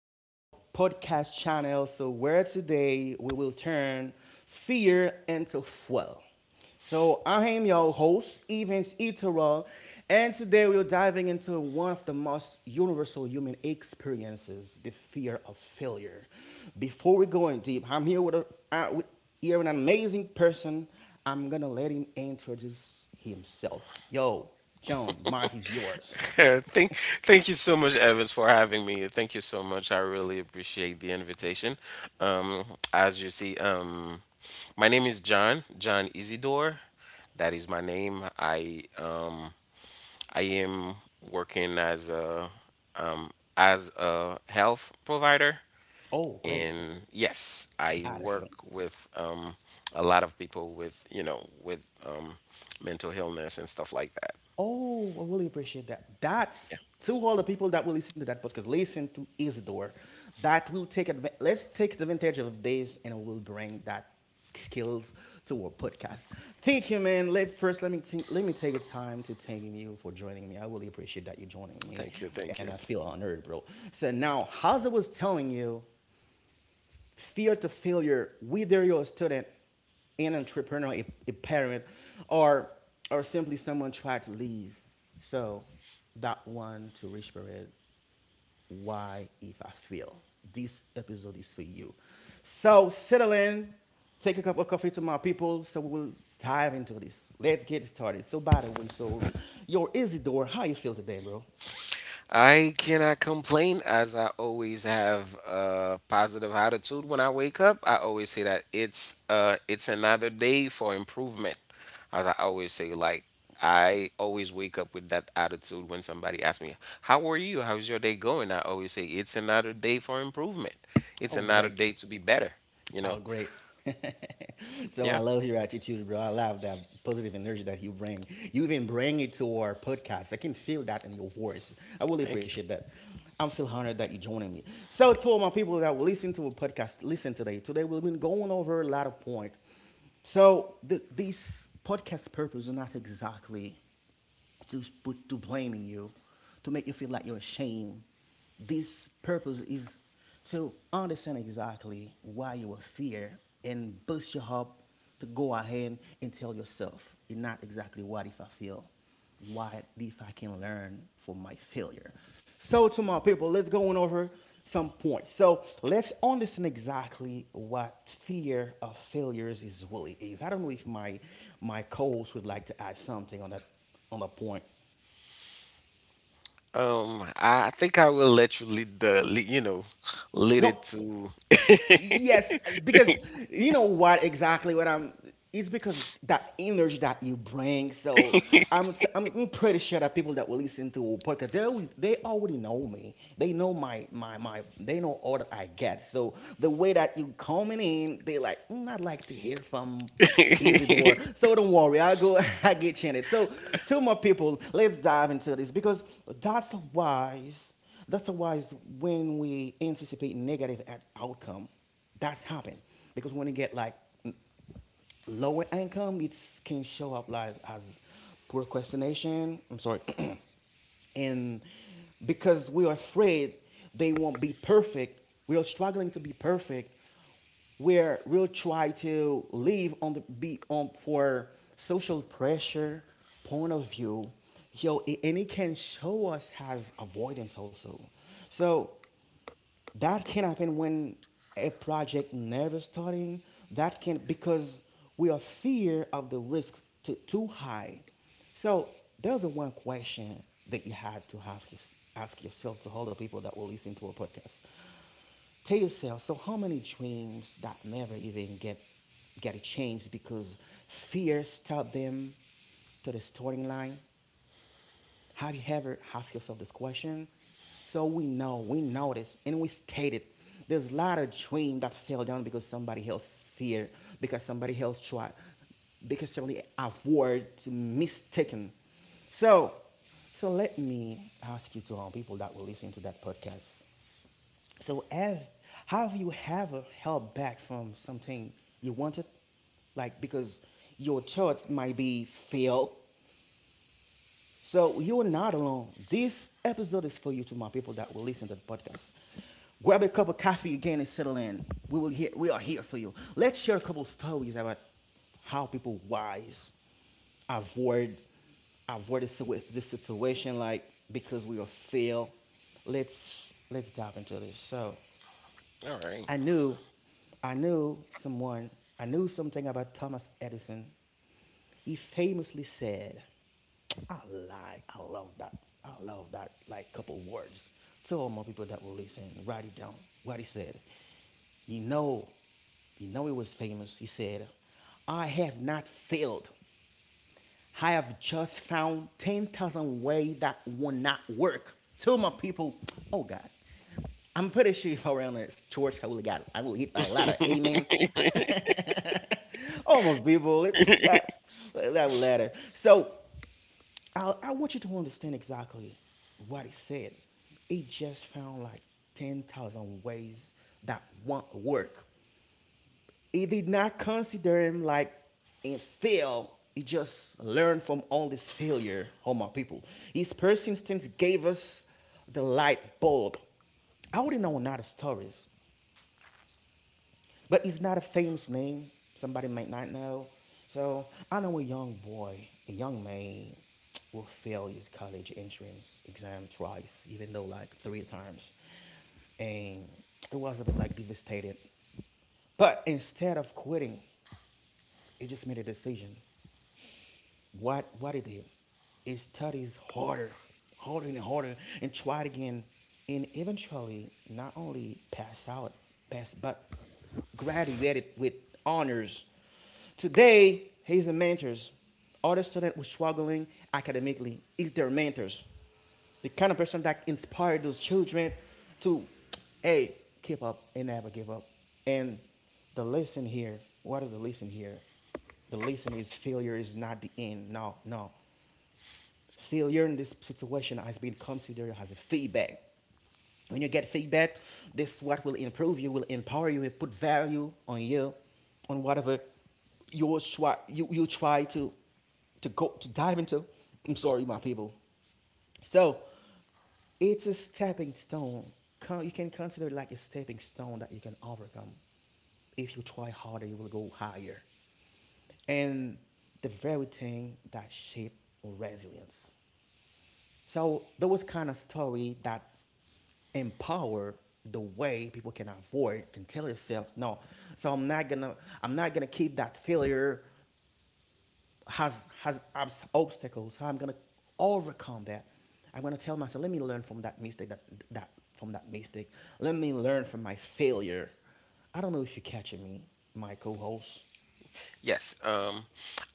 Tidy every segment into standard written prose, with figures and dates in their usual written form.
to our podcast channel. So where today we will turn fear into fuel. So I am your host, Evans Itero, and today we're diving into one of the most universal human experiences, the fear of failure. Before we go in deep, I'm here with, with here an amazing person. I'm gonna let him introduce himself. Yo, John, Mike is yours. Yeah, thank you so much, Evans, for having me. Thank you so much. I really appreciate the invitation. Um, as you see, my name is John Isidore. That is my name. I am working as a um, health provider, Oh, great. and yes, I work Addison. with a lot of people with you know with mental illness and stuff like that. Oh, I really appreciate that. Yeah. That's to all the people that will listen to that podcast. Listen to Isidore. That will take adva- Let's take advantage of this, and we'll bring that skills to our podcast. Thank you, man. Let first let me think let me take the time to thanking you for joining me. I really appreciate that you joining me, Thank you. Thank and you. I feel honored, bro. So now, as I was telling you, fear to failure, whether you're a student, an entrepreneur, a parent, or or simply someone tried to leave. So that one to reach period. Why if I fail? This episode is for you. So settle in, take a cup of coffee to my people. So we will dive into this. Let's get started. So by the way, so your Isidore, how you feel today, bro? I cannot complain as I always have a positive attitude when I wake up. I always say that it's another day for improvement. As I always say, like I always wake up with that attitude when somebody asks me, how are you? How's your day going? I always say it's another day for improvement. It's Oh, another great. day to be better, you know? Oh, great. So I Yeah. love your attitude, bro. I love that positive energy that you bring. You even bring it to our podcast. I can feel that in your voice. I really Thank you. appreciate that. I'm feel honored that you're joining me. So to all my people that will listen to a podcast, listen today. Today we've been going over a lot of point. So this podcast purpose is not exactly to blaming you, to make you feel like you're ashamed. This purpose is to understand exactly why you are fear and boost you up to go ahead and tell yourself, "It's not exactly what if I fail, what if I can learn from my failure. So to my people, let's go on over some points. So let's understand exactly what fear of failures is really is. I don't know if my co-host would like to add something on that on the point. I think I will let you lead the lead, you know, lead it No, to yes, because you know what exactly what I'm. It's because that energy that you bring. So I'm, t- I'm pretty sure that people that will listen to podcast, they already know me. They know my. They know all that I get. So the way that you coming in, they like mm, I'd like to hear from Easy door. So don't worry, I'll go, I get chanted. So to my people, let's dive into this because that's wise. That's why when we anticipate negative outcome, that's happen because when you get like lower income, it can show up like as procrastination. I'm sorry, and because we're afraid they won't be perfect, we're struggling to be perfect, where we'll try to live on the be on for social pressure point of view, yo, and it can show us as avoidance also. So that can happen when a project never starting. That can because we are fear of the risk too high. So there's a one question that you had to have just ask yourself. To all the people that will listen to our podcast, tell yourself, so how many dreams that never even get a chance because fear stopped them to the starting line. Have you ever asked yourself this question? So we know, we notice, and we state it. There's a lot of dream that fell down because somebody else fear, because somebody else tried, because somebody avoid mistaken. So, so, let me ask you to all people that were listening to that podcast. So, have you ever held back from something you wanted, like because your thought might be fail, so you are not alone. This episode is for you to my people that will listen to the podcast. Grab a cup of coffee again and settle in. We will hear, we are here for you. Let's share a couple of stories about how people wise avoid avoid this situation like because we are fail. Let's dive into this. So All right. I knew, I knew someone, I knew something about Thomas Edison. He famously said, I love that, couple words. Tell all my people that will listen, write it down. What he said, you know, you know he was famous. He said, I have not failed, I have just found 10,000 ways that will not work. Tell my people, oh God, I'm pretty sure if I were on this church, I will get, I will hit a lot of amen. Oh my people, it, yeah, that letter. So I want you to understand exactly what he said. He just found like 10,000 ways that won't work. He did not consider him like a fail. He just learned from all this failure, oh my people. His persistence gave us the light bulb. I already know another stories, but it's not a famous name. Somebody might not know. So I know a young man, will fail his college entrance exam twice, even though like three times. And it was a bit like devastated. But instead of quitting, he just made a decision. What he did is studies harder, harder and harder, and tried again, and eventually not only passed, but graduated with honors. Today he's the mentors. Other students who are struggling academically is their mentors, the kind of person that inspired those children to, hey, keep up and never give up. And the lesson here, what is the lesson here? The lesson is failure is not the end. No, no. Failure in this situation has been considered as a feedback. When you get feedback, this is what will improve you, will empower you, will put value on you, on whatever you you try to go to dive into. I'm sorry, my people. So it's a stepping stone. You can consider it like a stepping stone that you can overcome. If you try harder, you will go higher. And the very thing that shape resilience. So there was kind of story that empower the way people can avoid can tell yourself no, so I'm not gonna keep that failure has has obstacles. So I'm gonna overcome that. I'm gonna tell myself, let me learn from that mistake. That that from that mistake. Let me learn from my failure. I don't know if you're catching me, my co-host. Yes,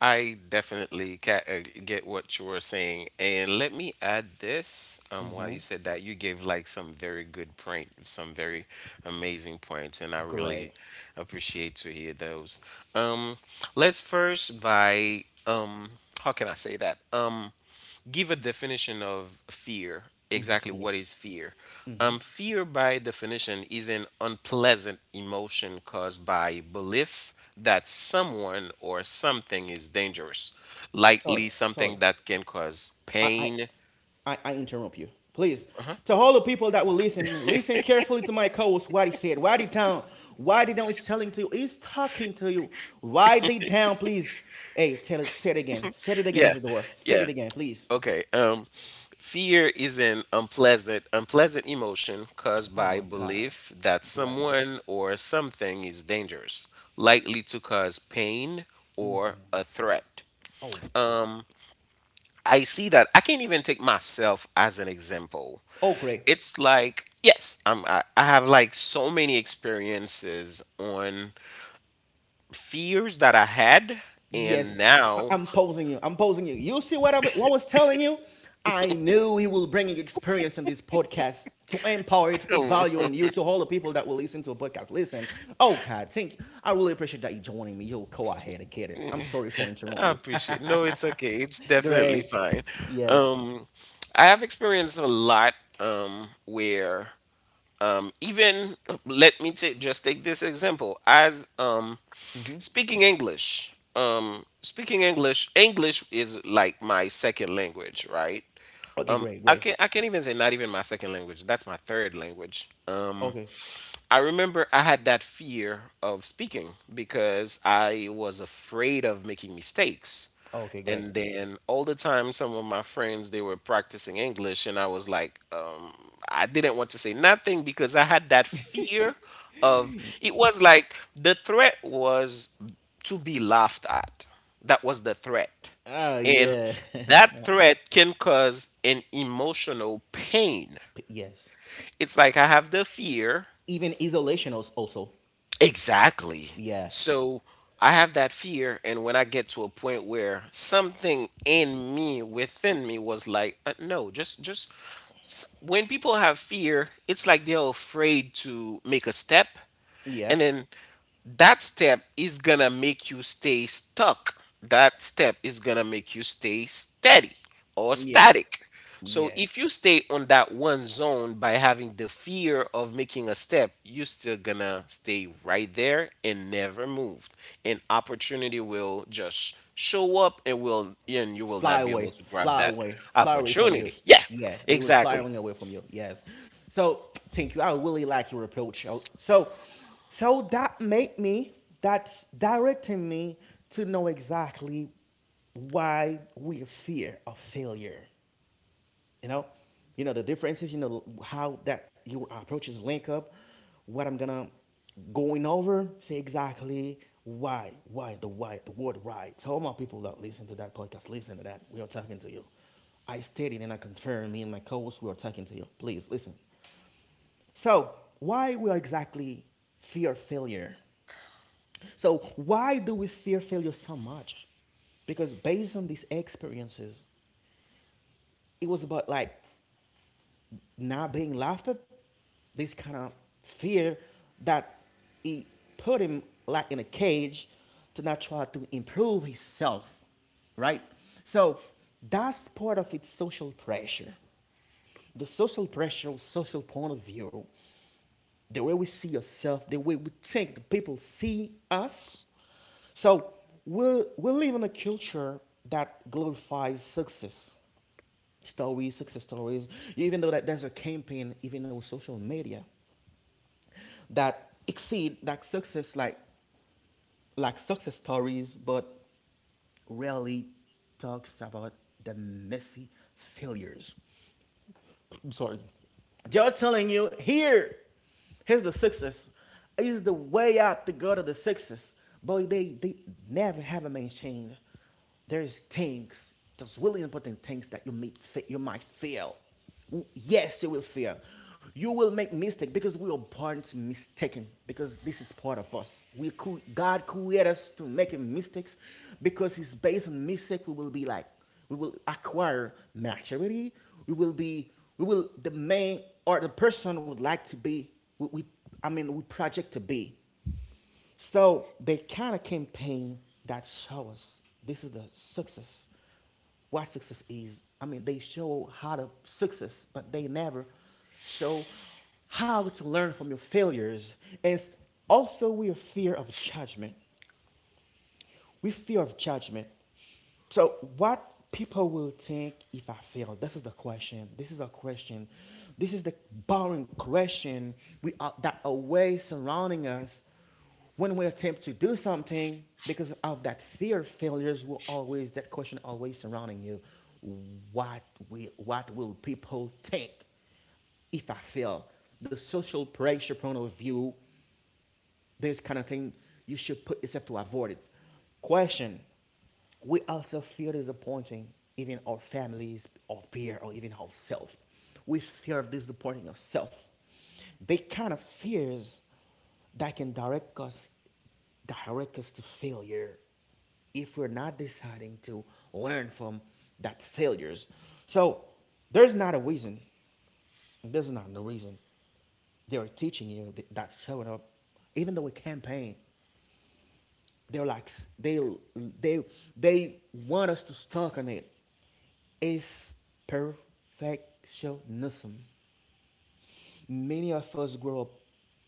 I definitely get what you were saying, and let me add this. While Mm-hmm. you said that, you gave like some very good point, some very amazing points, and I really Great. appreciate to hear those. Um, let's first by how can I say that? Give a definition of fear. Mm-hmm. Exactly Fear. what is fear? Mm-hmm. Fear, by definition, is an unpleasant emotion caused by belief that someone or something is dangerous, Sorry. likely Sorry. something that can cause I, pain. I interrupt you. Please. To all the people that will listen, listen carefully to my coach, what he said. Write it down. Write it down. He's telling to you. He's talking to you. Write it down, please. Hey, tell it, say it again. Say it again, Yeah, Isidore. Say yeah. it again, please. Okay. Fear is an unpleasant emotion caused Oh my by God. belief that Great. someone or something is dangerous, likely to cause pain or a threat. Oh, I see that. I can't even take myself as an example. oh, great. It's like, yes, I have like so many experiences on fears that I had. And Yes, now, I'm posing you. I'm posing you. You see what what I was telling you? I knew he will bring experience in this podcast to empower you, to put value in I you, to all the people that will listen to a podcast. Listen, oh God, thank you. I really appreciate that you joining me. You go ahead and get it. I'm sorry for interrupt you. appreciate. No, it's okay. It's definitely Great. fine. Yes. Um, I have experienced a lot where even let me take just take this example as speaking English. Speaking English. English is like my second language, right? Okay, great, I great. can I can't even say not even my second language. That's my third language. Okay. I remember I had that fear of speaking because I was afraid of making mistakes. Okay, great. And then all the time, some of my friends they were practicing English, and I was like, I didn't want to say nothing because I had that fear of It was like, the threat was to be laughed at. That was the threat. Oh, And yeah. that Uh, threat can cause an emotional pain. P- yes. It's like I have the fear. Even isolation also. Exactly. Yeah. So I have that fear, and when I get to a point where something in me, within me, was like, no, just. When people have fear, it's like they're afraid to make a step, Yeah. and then that step is gonna make you stay stuck. That step is gonna make you stay steady or Yeah. static. So Yeah. if you stay on that one zone by having the fear of making a step, you're still gonna stay right there and never move. And opportunity will just show up, and you will Fly not be away. able to grab Fly that away. Fly away from you. opportunity. Yeah, Yeah. They will fly exactly. away from you. Yes. So thank you. I really like your approach. Oh, so so that made me that's directing me to know exactly why we fear of failure. you know you know the differences, you know how that your approaches link up what I'm gonna going over say exactly why the word why. Tell my people that listen to that podcast, listen to that, we are talking to you. I stated and I confirmed. Me and my co-host, we are talking to you, please listen. So why we are exactly fear failure. So why do we fear failure so much? Because based on these experiences, it was about like not being laughed at, this kind of fear that he put him like in a cage to not try to improve himself, right? So that's part of its social pressure. The social pressure, social point of view, the way we see ourselves, the way we think the people see us. So we we'll live in a culture that glorifies success stories, even though that there's a campaign, even on social media, that exceed that success like success stories, but rarely talks about the messy failures. I'm sorry. Joe telling you here, here's the success. Is the way out the gutter, of the success. Boy, they never have a maintained. There's things, there's really important things that you meet you might fail. Yes, you will fail. You will make mistake because we are born to mistaken because this is part of us. God created us to making mistakes because it's based on mistake we will be like we will acquire maturity. We will be, we will, the man or the person would like to be, we we project to be. So the kind of campaign that show us this is the success what success is. I mean, they show how to success, but they never show how to learn from your failures. And also, we are fear of judgment. We fear of judgment. So, what people will think if I fail? This is the question. This is a question. This is the barren question that always surrounding us when we attempt to do something because of that fear of failures will always that question always surrounding you what what will people think if I fail, the social pressure point of view, this kind of thing you should put yourself to avoid it. Question: We also feel disappointing even our families, or peer, or even ourselves. We fear of disappointing ourselves. They kind of fears that can direct us to failure if we're not deciding to learn from that failures. So there's not a reason there's not no reason they are teaching you that's showing up. Even though we campaign, they're like they they they want us to stuck on it. It's perfectionism. Many of us grow up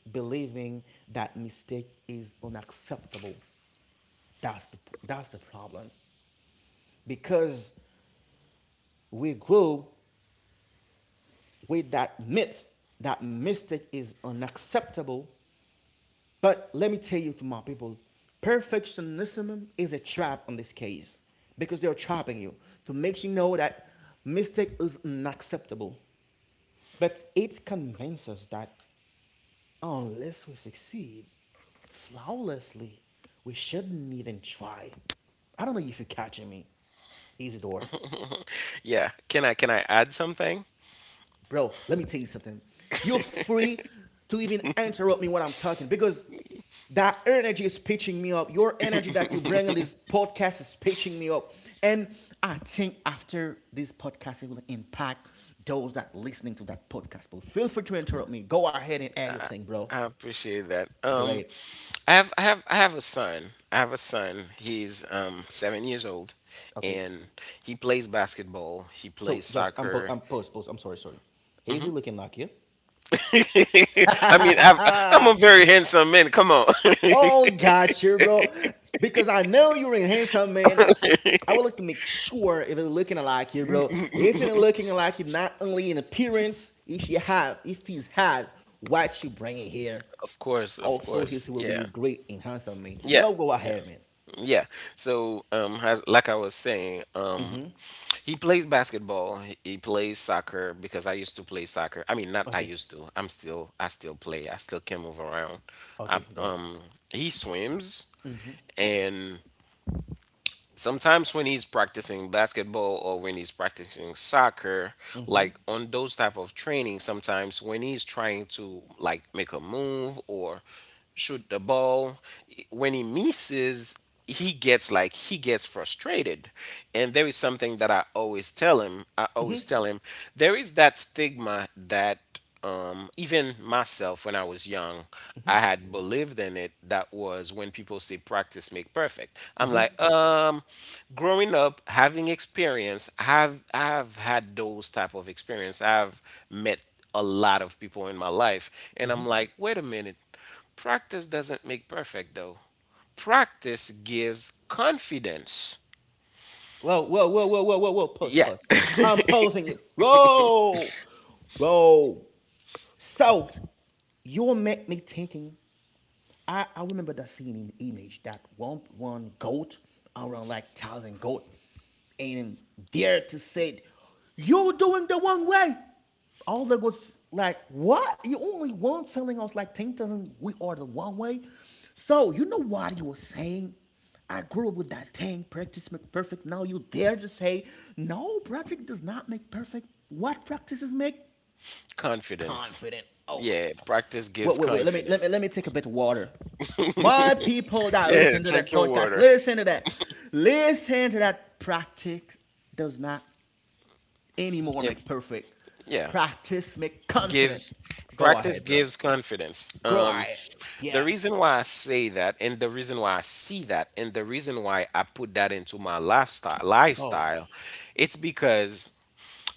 believing that mistake is unacceptable. That's the that's the problem. Because we grew with that myth that mistake is unacceptable. But let me tell you to my people, perfectionism is a trap on this case because they're trapping you to make you know that mistake is unacceptable. But it convinces us that unless we succeed flawlessly, we shouldn't even try. I don't know if you're catching me. Isidore. Yeah. Can I add something? Bro, let me tell you something. You're free to even interrupt me when I'm talking because that energy is pitching me up. Your energy that you bring on this podcast is pitching me up. And I think after this podcast, it will impact those that listening to that podcast. But feel free to interrupt me. Go ahead and add your thing, bro. I appreciate that. Great. I have a son. I have a son. He's 7 years old, Okay. and he plays basketball. He So plays just soccer. I'm post. I'm sorry, sorry. Hazy looking like you. I mean, I'm Yeah? a very handsome man. Come on. Oh, gotcha, bro. Because I know you're a handsome man. I would like to make sure if it's looking like you, bro. If it's looking like you, not only in appearance, if he's had what you bringing here, Of course, of also he course. will be a Yeah, great and handsome man. yeah, Y'all go yeah, ahead, man. yeah. So, as like I was saying, um, Mm-hmm. He plays basketball. He plays soccer because I used to play soccer. I mean, not I Okay. used to. I'm still. I still play. I still can move around. I, Okay. Great. um, he swims, Mm-hmm. and sometimes when he's practicing basketball or when he's practicing soccer, Mm-hmm. like on those type of training, sometimes when he's trying to like make a move or shoot the ball, when he misses, he gets frustrated. And there is something that I always tell him, there is that stigma that, even myself when I was young, I had believed in it. That was when people say practice make perfect. I'm like, growing up, having experience, have I've had those type of experience. I've met a lot of people in my life, and I'm like, wait a minute, practice doesn't make perfect though. Practice gives confidence. Whoa, whoa, whoa, whoa, whoa, whoa, whoa. Pause, Yeah. pause. I'm pausing you. Roll. Roll. So you make me thinking I remember that scene in image that one goat around like thousand goat and there to say you're doing the wrong way. All the goats like what you only one telling us like 10,000 we are the wrong way. So you know what he was saying? I grew up with that thing, practice make perfect. Now you dare to say, no, practice does not make perfect. What practices make Confidence. confident. Oh Yeah, my. practice Wait, gives wait, wait. Let me let me let confidence. me take a bit of water. My people that Yeah. listen to Drink that your podcast, water. listen to that. Listen to that. Practice does not anymore Yeah, make perfect. yeah, Practice make confident. gives Go ahead, practice bro. gives confidence. Go ahead. The Yeah. reason why I say that, and the reason why I see that, and the reason why I put that into my lifestyle, Oh. lifestyle, it's because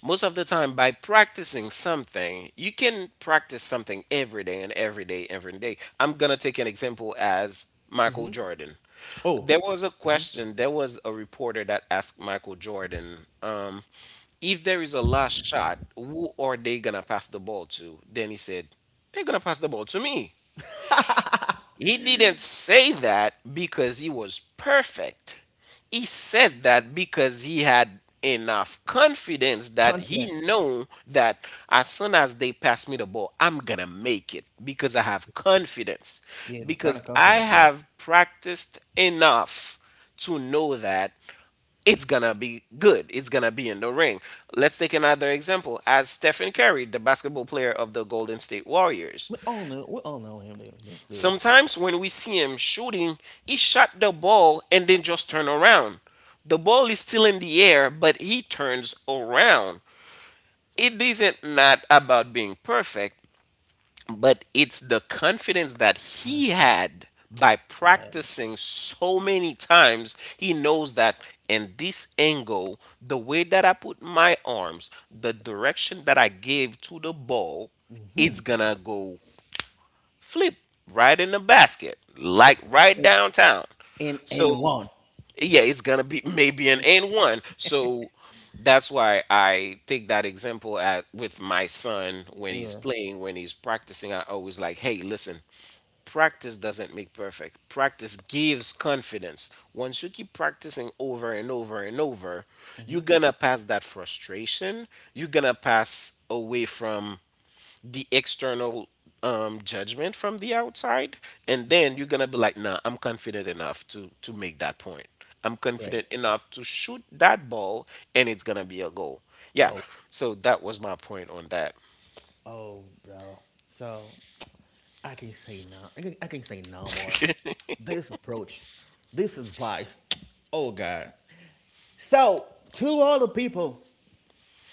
most of the time by practicing something, you can practice something every day and every day, every day. I'm gonna take an example as Michael Jordan. Oh. There was a reporter that asked Michael Jordan, if there is a last shot, who are they gonna pass the ball to? Then he said, "They're gonna pass the ball to me." He didn't say that because he was perfect. He said that because he had enough confidence that he Confident. knew that as soon as they pass me the ball, I'm going to make it because I have confidence, Yeah, just kind because of I confident. Yeah. have practiced enough to know that it's gonna be good. It's gonna be in the ring. Let's take another example as Stephen Curry, the basketball player of the Golden State Warriors. We all know him, this dude. Sometimes when we see him shooting, he shot the ball and then just turn around. The ball is still in the air, but he turns around. It isn't not about being perfect, but it's the confidence that he Confident. had by Yeah. practicing so many times. He knows that in this angle, the way that I put my arms, the direction that I give to the ball, it's hmm gonna go flip right in the basket, like right In downtown. in So one. yeah, it's gonna be maybe an N one. So that's why I take that example at with my son when he's Yeah. playing, when he's practicing. I always like, hey, listen, practice doesn't make perfect. Practice gives confidence. Once you keep practicing over and over and over, you're gonna pass that frustration. You're gonna pass away from the external, judgment from the outside, and then you're gonna be like, "Nah, I'm confident enough to make that point. I'm Great. confident enough to shoot that ball, and it's gonna be a goal." Yeah. Go. So that was my point on that. Oh, bro. So I can say no. I can say no more. This approach, this advice. Oh God. So to all the people,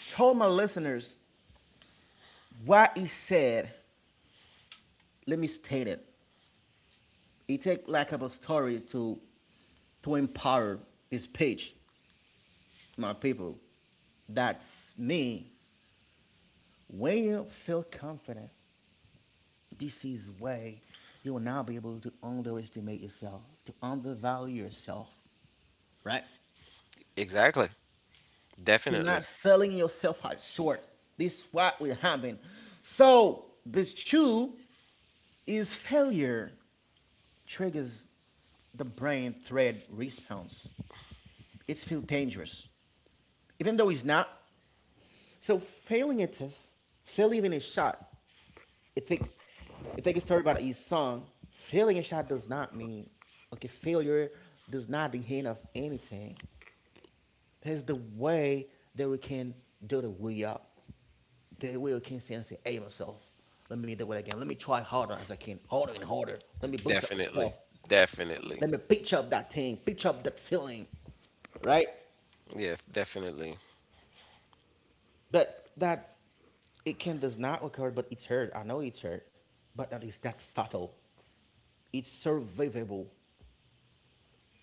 to all my listeners what he said. Let me state it. He take like a couple stories to empower his page, my people. That's me. When you feel confident, this is where you will now be able to underestimate yourself, to undervalue yourself, right? Exactly. To not Definitely. selling yourself as short. This is what will happen. So this two is failure triggers the brain thread response. It feels dangerous, even though it's not. So failing a test, failing even a shot, I think I think it's story about his son. Failing a shot does not mean okay, failure does not the end of anything. That's the way that we can do the way up. The way we can say and say, hey myself, let me do it again. Let me try harder as I can, harder and harder. Let me boost up Definitely. myself. Definitely. Let me pitch up that thing, pitch up that feeling. Right? Yes. Definitely. But that it can does not occur, but it's hurt. I know it's hurt, but that is that fatal. It's survivable.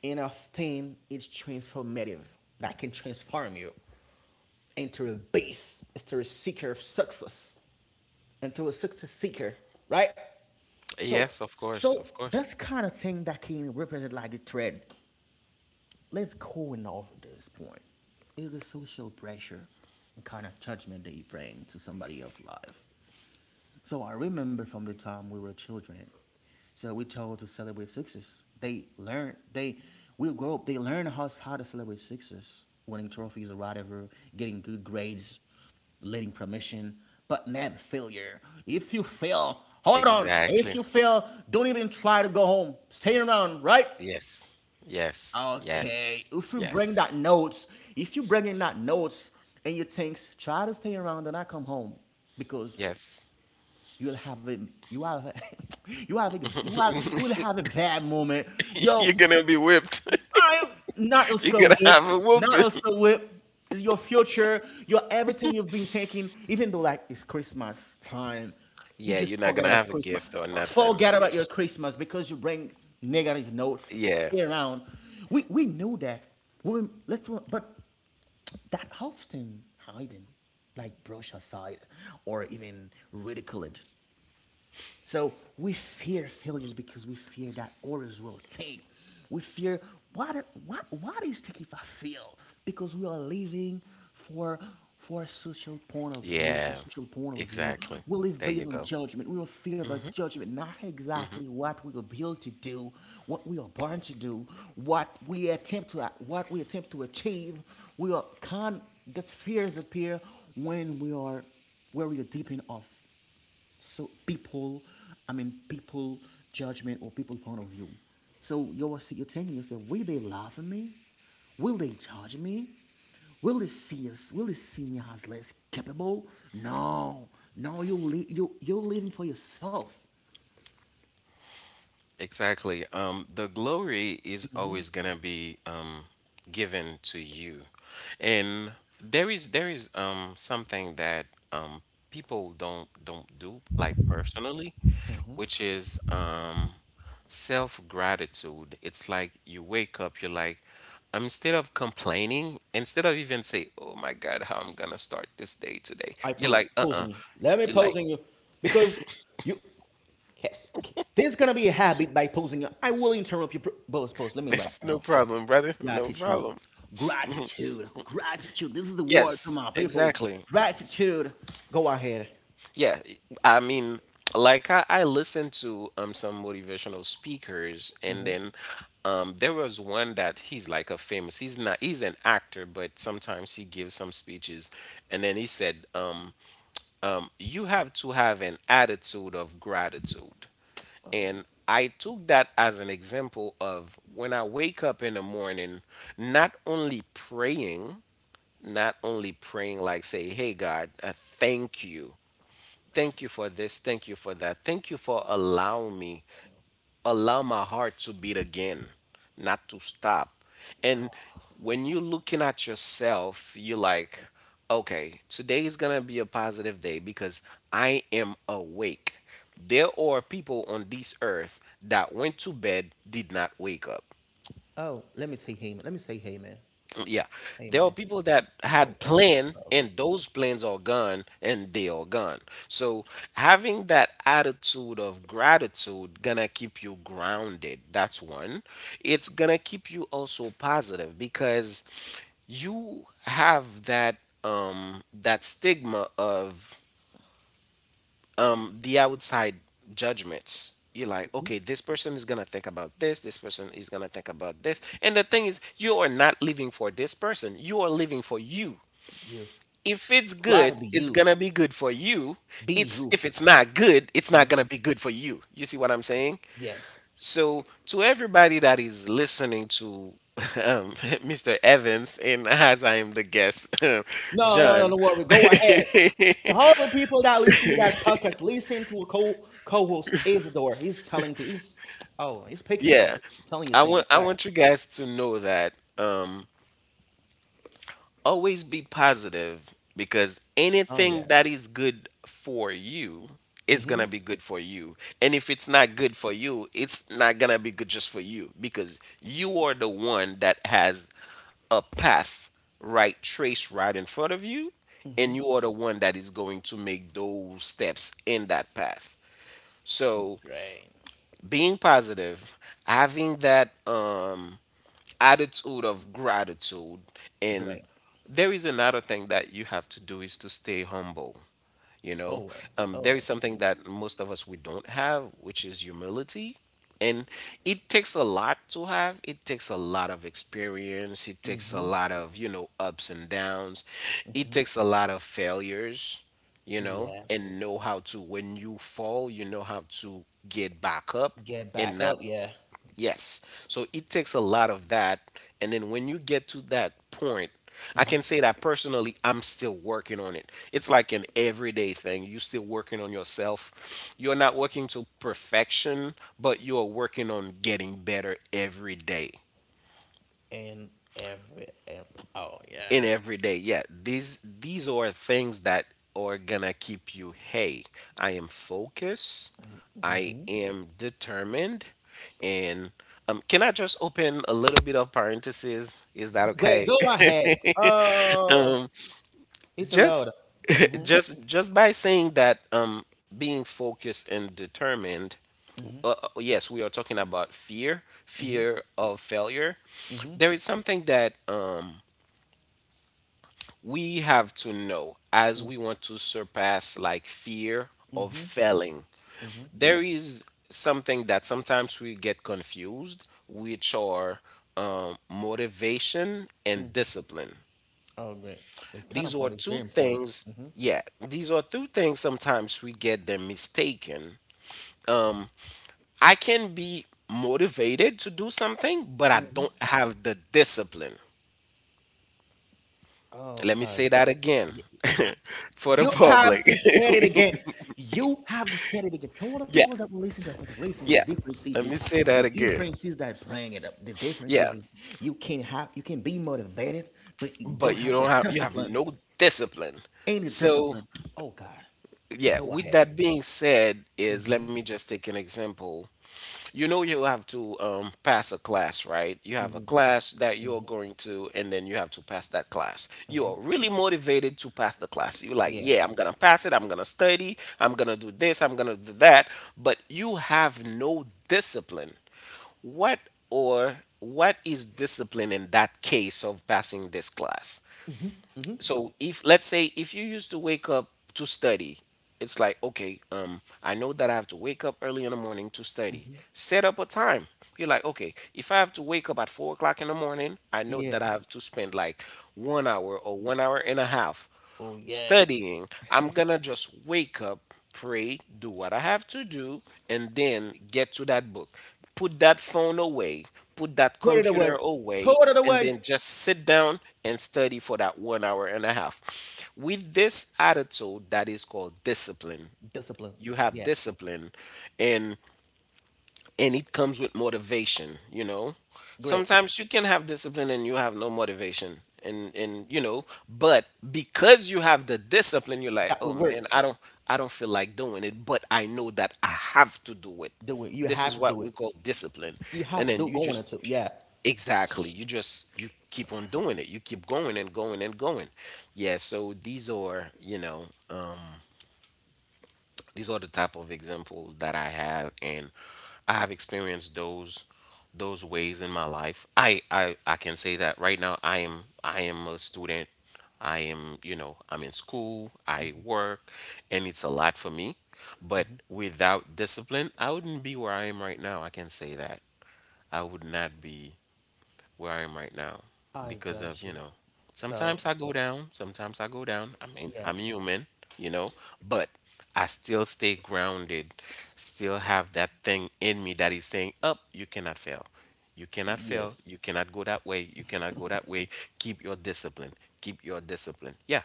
And a thing is transformative that can transform you into a beast, into a seeker of success, into a success seeker, right? So, Yes. Of course. so Of course. that's kind of thing that can represent like the thread. Let's go and over this point. Is the social pressure and kind of judgment that you bring to somebody else's life. So I remember from the time we were children. So we told to celebrate success. They learn they we grow up, they learn how to celebrate success, winning trophies or whatever, getting good grades, letting permission, but never failure. If you fail, hold on. If Exactly. you fail, don't even try to go home. Stay around, right? Yes. Yes. Yes. Okay. If you bring Yes. that notes, if you bring in that notes and you think try to stay around and I come home because Yes. you'll have a you have you have you will have a bad moment. You're Yo, gonna be whipped. I not You're also gonna whip, have a not whooping. also whip. It's your future, your everything you've been taking, even though like it's Christmas time. You Yeah, you're just not gonna forget about have a Christmas. gift or nothing. Forget about your Yes. Christmas because you bring negative notes Yeah. stay around. We know that. We, let's but that often hiding, like brush aside or even ridicule it. So we fear failures because we fear that others will take. We fear what is taking if I fail? Because we are living for for a social point of view, for Yeah. social point of view. Exactly. We live There you based on go. judgment. We will fear about judgment, not exactly what we are built to do, what we are born to do, what we attempt to achieve. We are con that fears appear when we are where we are deep enough so people people judgment or people point of view so you're telling yourself, will they laugh at me, will they judge me, will they see me as less capable? No, no, you're living for yourself. Exactly. The glory is always gonna be, given to you, and there is something that, um, people don't do like personally, which is, self gratitude. It's like you wake up, you're like, instead of complaining, instead of even say, "Oh my God, how I'm gonna start this day today," I you're pose like, "Uh-uh," posing you. Let me you're like, posing you because you. This is gonna be a habit by posing you. I will interrupt you. Pose, pose. Let me write "It's no down. problem, brother, no Gratitude. problem." Gratitude. Gratitude. This is the word. Come Yes, on, people. exactly. Gratitude. Go ahead. Yeah, I mean, like I listened to some motivational speakers, and then there was one that he's like a famous. He's not, he's an actor, but sometimes he gives some speeches, and then he said, you have to have an attitude of gratitude, and I took that as an example of when I wake up in the morning, not only praying, like say, hey God, thank you. Thank you for this. Thank you for that. Thank you for allowing me, allow my heart to beat again, not to stop. And when you're looking at yourself, you're like, okay, today is going to be a positive day because I am awake. There are people on this earth that went to bed, did not wake up. Oh, let me say hey. Let me say hey man. Yeah, Hey there are man. people that Oh had God. plan Love you. and those plans are gone and they are gone. So having that attitude of gratitude gonna keep you grounded. That's one. It's gonna keep you also positive because you have that, that stigma of, the outside judgments. You're like, okay, this person is gonna think about this, this person is gonna think about this, and the thing is, you are not living for this person, you are living for you. You. If it's Try to good, be it's you. gonna be good for you. Be it's you. if it's not good, it's not gonna be good for you. You see what I'm saying? Yes. So, to everybody that is listening to um, Mr. Evans, and as I am the guest, No, no, no, John, no worry. Go ahead. To all the people that listen to that podcast, listen to a co co-host Isidore. He's telling to he's, oh, he's picking to you, yeah. telling you I things, want I right? want you guys to know that, always be positive because Oh anything yeah. that is good for you is going Mm-hmm. to be good for you. And if it's not good for you, it's not going to be good just for you because you are the one that has a path right trace right in front of you, and you are the one that is going to make those steps in that path. So Great. being positive, having that attitude of gratitude, and Great. there is another thing that you have to do is to stay humble, you know. Oh, oh, There is something that most of us we don't have, which is humility. And it takes a lot to have, it takes a lot of experience, it takes a lot of, you know, ups and downs, it takes a lot of failures, you know, yeah. and know how to, when you fall, you know how to get back up Get back and up, not. yeah, Yes. So it takes a lot of that. And then when you get to that point, I can say that personally, I'm still working on it. It's like an everyday thing. You're still working on yourself. You're not working to perfection, but you're working on getting better every day. and every, and oh yeah. In every day. Yeah, these are things that are gonna keep you. Hey, I am focused. I am determined, and can I just open a little bit of parenthesis? Is that Great, okay? go ahead. Uh, it's allowed. just Mhm, just by saying that being focused and determined, yes, we are talking about fear, mhm, fear of failure. mhm. There is something that we have to know as we want to surpass like fear of failing. There is something that sometimes we get confused, which are motivation and discipline. Oh great, the These are counterpoint is two very important. things, Mhm. yeah, these are two things sometimes we get them mistaken. I can be motivated to do something, but I don't have the discipline. Oh, Let me say pause. that again Y- uh, for the You have public. to say it again. You have to say it again. Tell the Yeah. people that will listen to that podcast, listen, the Yeah. difference is Let me this, say the that again. difference is that bring it up. The difference Yeah. is, is you can have you can be motivated, but you But don't have the you have discipline. no discipline. Any So discipline. Oh God. yeah, Go with ahead. that being said, is let me just take an example. You know, you have to pass a class, right? You have a hmm class that you're going to, and then you have to pass that class. You are really motivated to pass the class. You're like, Yeah. yeah, I'm gonna pass it. I'm gonna study. I'm gonna do this. I'm gonna do that. But you have no discipline. What or what is discipline in that case of passing this class? Go. So if, let's say if you used to wake up to study, it's like, okay, I know that I have to wake up early in the morning to study, set up a time. You're like, okay, if I have to wake up at 4 o'clock in the morning, I know Yeah. that I have to spend like 1 hour or 1 hour and a half Oh yeah. studying. I'm gonna just wake up, pray, do what I have to do, and then get to that book. Put that phone away, put that Put it computer away. away, Put it and away. then just sit down and study for that 1 hour and a half. With this attitude, that is called discipline. Discipline. You have Yeah. discipline, and it comes with motivation, you know. Great. Sometimes you can have discipline and you have no motivation, and you know, but because you have the discipline, you're like, That would oh man, work. I don't feel like doing it, but I know that I have to do it. Do it. You This have is to do what it. we call discipline. You have And to then do you going just, into. Yeah. exactly, you just, you keep on doing it, you keep going and going and going. Yeah, so these are, you know, these are the type of examples that I have, and I have experienced those ways in my life. I can say that right now. I am a student. I am, you know, I'm in school. I work, and it's a lot for me. But without discipline, I wouldn't be where I am right now. I can say that I would not be where I am right now I because got of, you you. know, So sometimes I go down, sometimes I go down. I mean, yeah, I'm human, you know, but I still stay grounded, still have that thing in me that is saying, up, you cannot fail. You cannot fail. yes, You cannot go that way. You cannot go that way. Keep your discipline. Keep your discipline. Yeah.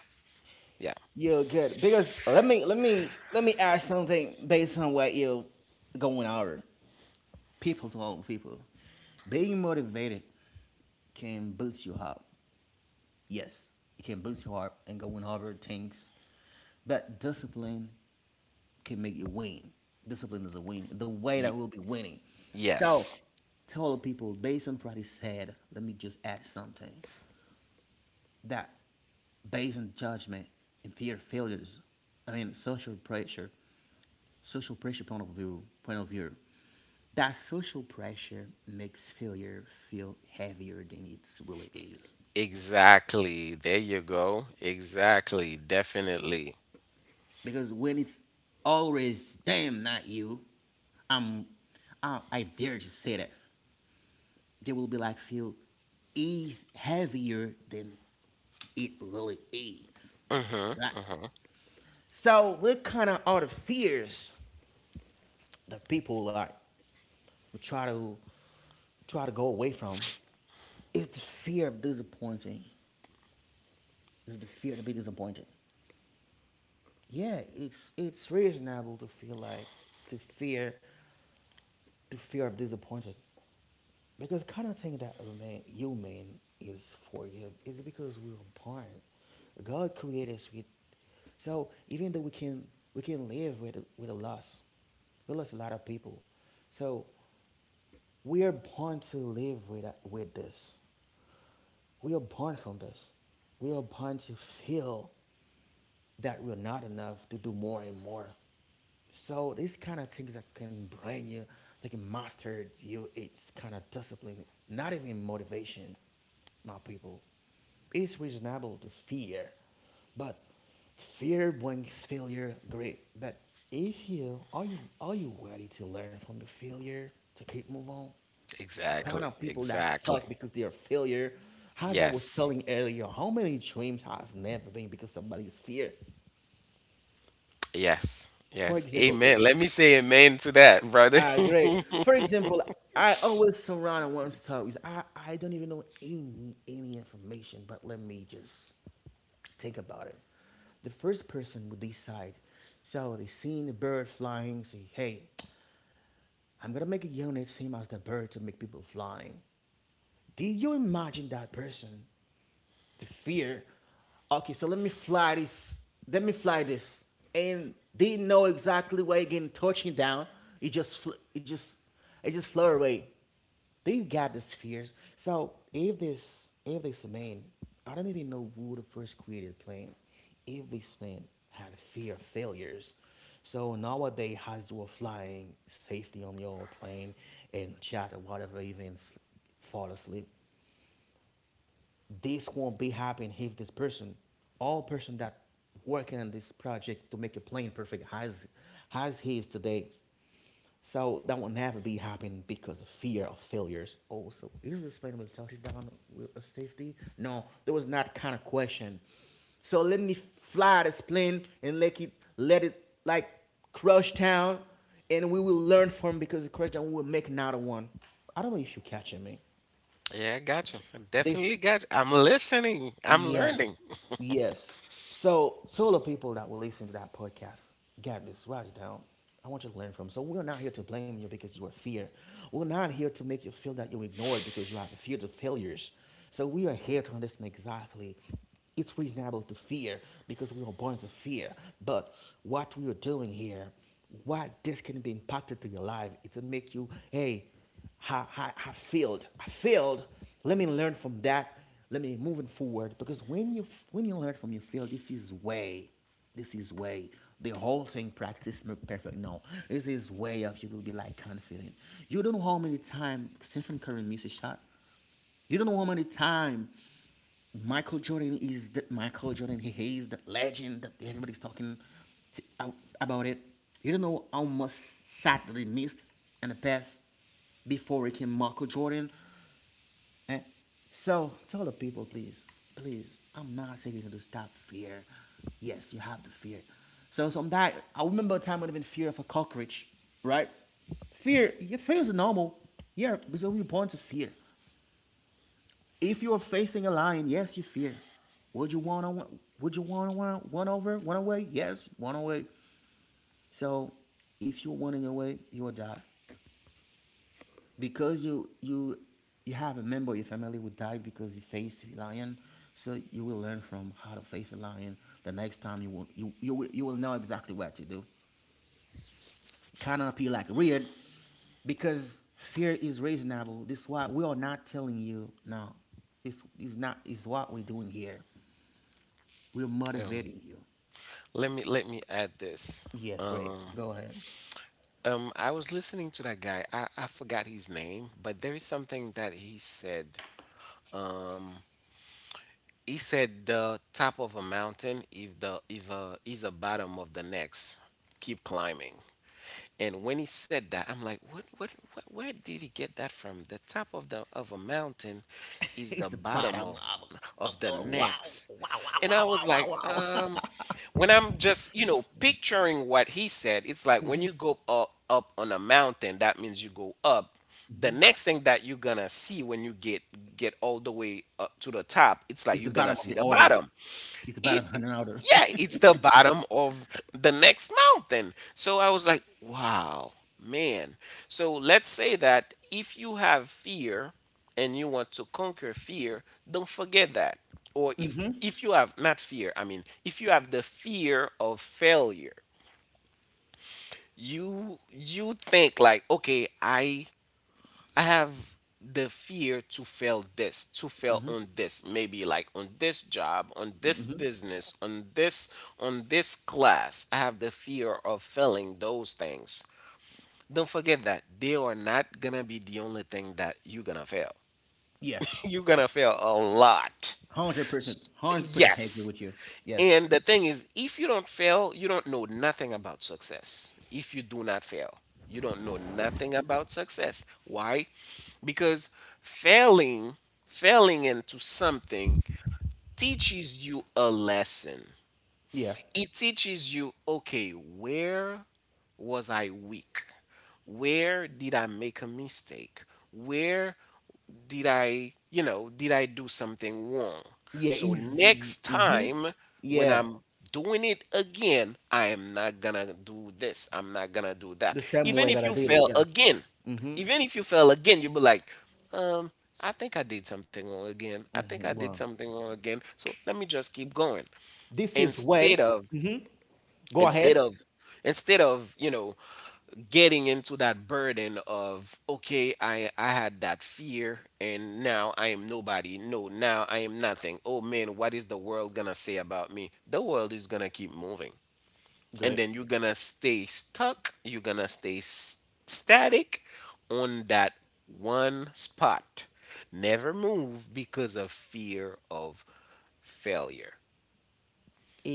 Yeah. you're good. Because let me ask something based on what you're going over. People, to all people, being motivated can boost you up. Yes, it can boost your heart and go in Harvard tanks. But discipline can make you win. Discipline is a win. The way that Y- we'll be winning. So yes. tell the people, based on what he said, let me just add something. That based on judgment and fear of failures, I mean social pressure point of view. That social pressure makes failure feel heavier than it really is. Exactly. There you go. Exactly. Definitely. Because when it's always them, not you, I'm, I dare to say that they will be like feel heavier than it really is, right? So what kind of are the fears that people like will try to go away from? It's the fear of disappointing. It's the fear to be disappointed. Yeah, it's reasonable to feel like the fear the fear of disappointed. Because kind of thing that remain human is forgive is because we were born. God created us with, so even though we can live with a loss, we lost a lot of people. So we are born to live with this. We are born from this. We are born to feel that we're not enough to do more and more. So these kind of things that can bring you, they can master you. It's kind of discipline, not even motivation. My people, it's reasonable to fear, but fear brings failure. Great, but if you ready to learn from your failure to keep move on? The kind Exactly. of people that Exactly. suck because they are failure. As I was Yes. telling earlier, how many dreams has never been because somebody's fear? Yes. For Yes. example, Amen. Let me say amen to that, brother. ah, great! For example, I always surround on one stories. I don't even know any information, but let me just think about it. The first person would decide. So they seen the bird flying, say, hey, I'm gonna make a unit same as the bird to make people flying. Did you imagine that person the fear. Okay, so let me fly this. Let me fly this, and they know exactly where are getting touching down. It just it just flew away. They got these fears. So if this man, I don't even know who the first created plan. If this man had fear of failures, so nowadays as you're flying safely on your plane and chat or whatever, even fall asleep this won't be happening if this person, all person that working on this project to make a plane perfect as he is today. So that will never be happening because of fear of failures. Also, is this plane will touch down with a safety? No, there was not kind of question. So let me fly this plane and let it like crush town, and we will learn from because the crush town will make another one. I don't know if you're catching me. Yeah, I got you. I This definitely got you. I'm listening. I'm learning. yes, yes. So, solo people that will listen to that podcast, get this, write it down. I want you to learn from. So, we're not here to blame you because you are fear. We're not here to make you feel that you're ignored because you have a fear of failures. So, we are here to understand exactly. It's reasonable to fear because we are born to fear. But what we are doing here, what this can be impacted to your life, is to make you, hey. I failed. I failed. Let me learn from that. Let me move it forward. Because when you learn from your fail, this is way. This is way. The whole thing practice make perfect. No, this is way of you will be like confident. You don't know how many time Stephen Curry missed a shot. You don't know how many time Michael Jordan is the Michael Jordan. He is the legend that everybody's talking out about it. You don't know how much shot that he missed in the past before he came Michael Jordan. Eh? So tell the people, please, please. I'm not saying you to stop fear. Yes, you have the fear. So some that I remember a time when I've been fear of a cockroach, right? Fear, your fear is normal. Yeah, there's only born to fear. If you're facing a lion, yes, you fear. Would you want to? Would you want to one over, one away? Yes, one away. So, if you're running away, you will die because you have a member of your family who died because you faced a lion. So you will learn from how to face a lion. The next time you will know exactly what to do. Cannot be like weird because fear is reasonable. This is why we are not telling you now. This is not is what we're doing here. We're Um, motivating you. let me add this. Yes, great. Um, Go ahead. I was listening to that guy. I forgot his name, but there is something that he said. Um, he said the top of a mountain, if the if is the bottom of the next, keep climbing. And when he said that, I'm like, what, where did he get that from? The top of the of a mountain is the It's the bottom bottom of, of the of wow, next. wow, wow, And I wow, was wow, like, wow, wow. when I'm just, you know, picturing what he said, it's like when you go up, up on a mountain, that means you go up. The next thing that you're gonna see when you get all the way up to the top, it's like It's the you're gonna bottom of see the the order. bottom. It's the It, bottom of an order. yeah, it's the bottom of the next mountain. So I was like, wow, man. So let's say that if you have fear and you want to conquer fear, don't forget that. Or if Mm-hmm. if you have not fear, I mean, if you have the fear of failure, you think like, okay, I have the fear to fail this, to fail Hmm. on this, maybe like on this job, on this Hmm. business, on this class. I have the fear of failing those things. Don't forget that they are not gonna be the only thing that you're gonna fail. Yeah, You're gonna fail a lot. 100%, 100% agree Yes. with you. Yes. And the thing is, if you don't fail, you don't know nothing about success. If you do not fail, you don't know nothing about success. Why? Because failing, failing into something teaches you a lesson. Yeah. It teaches you, okay, where was I weak, where did I make a mistake, where did I, you know, did I do something wrong, Yeah. so He's. next Mm-hmm. time when Yeah. I'm doing it again, I am not gonna do this, I'm not gonna do that. The same Even way that if I you did it. fail Yeah. again, Mm-hmm. even if you fail again, you'll be like, um I think I did something wrong again, I think Mm-hmm. I did Wow. something wrong again, so let me just keep going, This is instead way. of Go ahead. instead of instead of, you know, getting into that burden of, okay, I had that fear and now I am nobody, no, now I am nothing, oh man, what is the world gonna say about me? The world is gonna keep moving, and Great. then you're gonna stay stuck, you're gonna stay s- static on that one spot, never move because of fear of failure.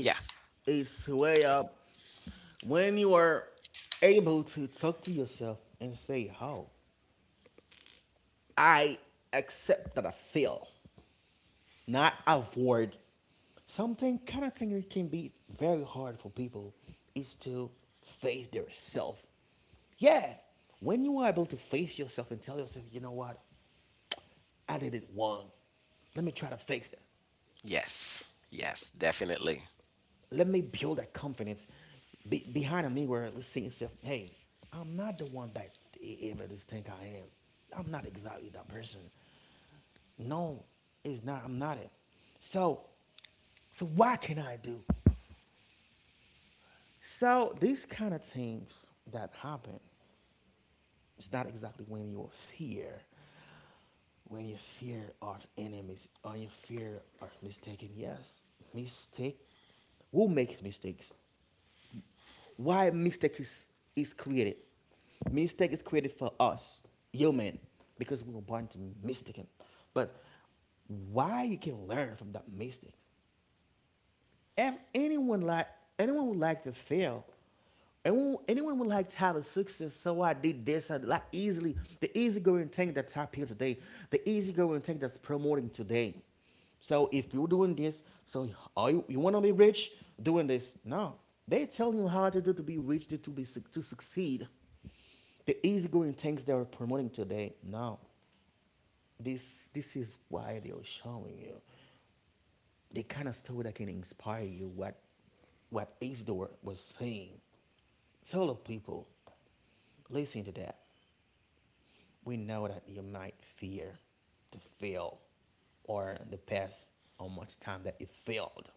Yeah. it's way up when you are able to talk to yourself and say, "Oh, I accept that I fail," not avoid something kind of thing that can be very hard for people is to face their self. Yeah, when you are able to face yourself and tell yourself, "You know what? I did it wrong. Let me try to fix it." Yes, yes, definitely. Let me build that confidence be, behind a mirror. Let's see yourself. Hey, I'm not the one that ever just think I am. I'm not exactly that person. No, it's not. I'm not it. So, so what can I do? So these kind of things that happen, it's not exactly fear, when you fear of enemies, or you fear of mistaken. Yes, mistake will make mistakes. Why mistake is created. Mistake is created for us, human, because we were born to mistaken. But why you can learn from that mistakes? If anyone would like to fail, anyone would like to have a success. So I did this and like easily the easygoing thing that's happening today, the easygoing thing that's promoting today. So if you're doing this, so are you want to be rich doing this? No, they telling you how to do to be rich, to be to succeed. The easygoing things they are promoting today. No, this is why they are showing you the kind of story that can inspire you what Isidore was saying. Tell the people, listen to that. We know that you might fear to fail or the past how much time that you failed.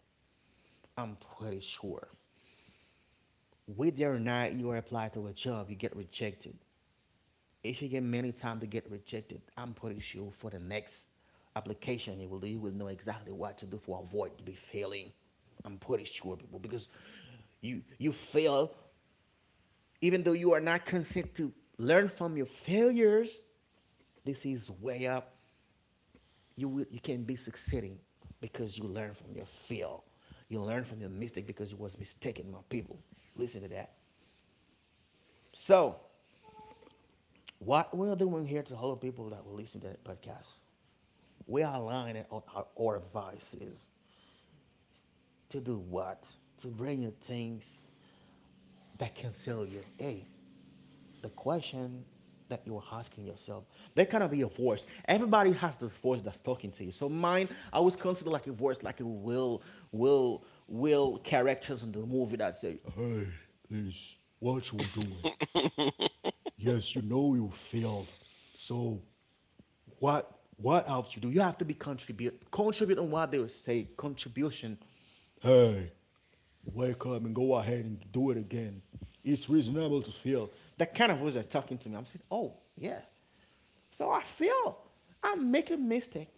I'm pretty sure. Whether or not you apply to a job, you get rejected. If you get many times to get rejected, I'm pretty sure for the next application you will do, you will know exactly what to do for avoid to be failing. I'm pretty sure people because you fail even though you are not consent to learn from your failures, this is way up. You will, you can be succeeding because you learn from your fail. You learn from your mistake because you was mistaken, my people. Listen to that. So what we are doing here to all the people that will listen to that podcast, we are aligning on our advice is to do what? To bring you things that can sell you. Hey, the question that you're asking yourself. There cannot be a voice. Everybody has this voice that's talking to you. So mine, I always consider like a voice, like a will, characters in the movie that say, hey, Liz, what you doing? Yes, you know you failed. So what else you do? You have to be contribute on what they will say, contribution. Hey, wake up and go ahead and do it again. It's reasonable to fail. That kind of voice that's talking to me. I'm saying, oh yeah, so I feel I make a mistake.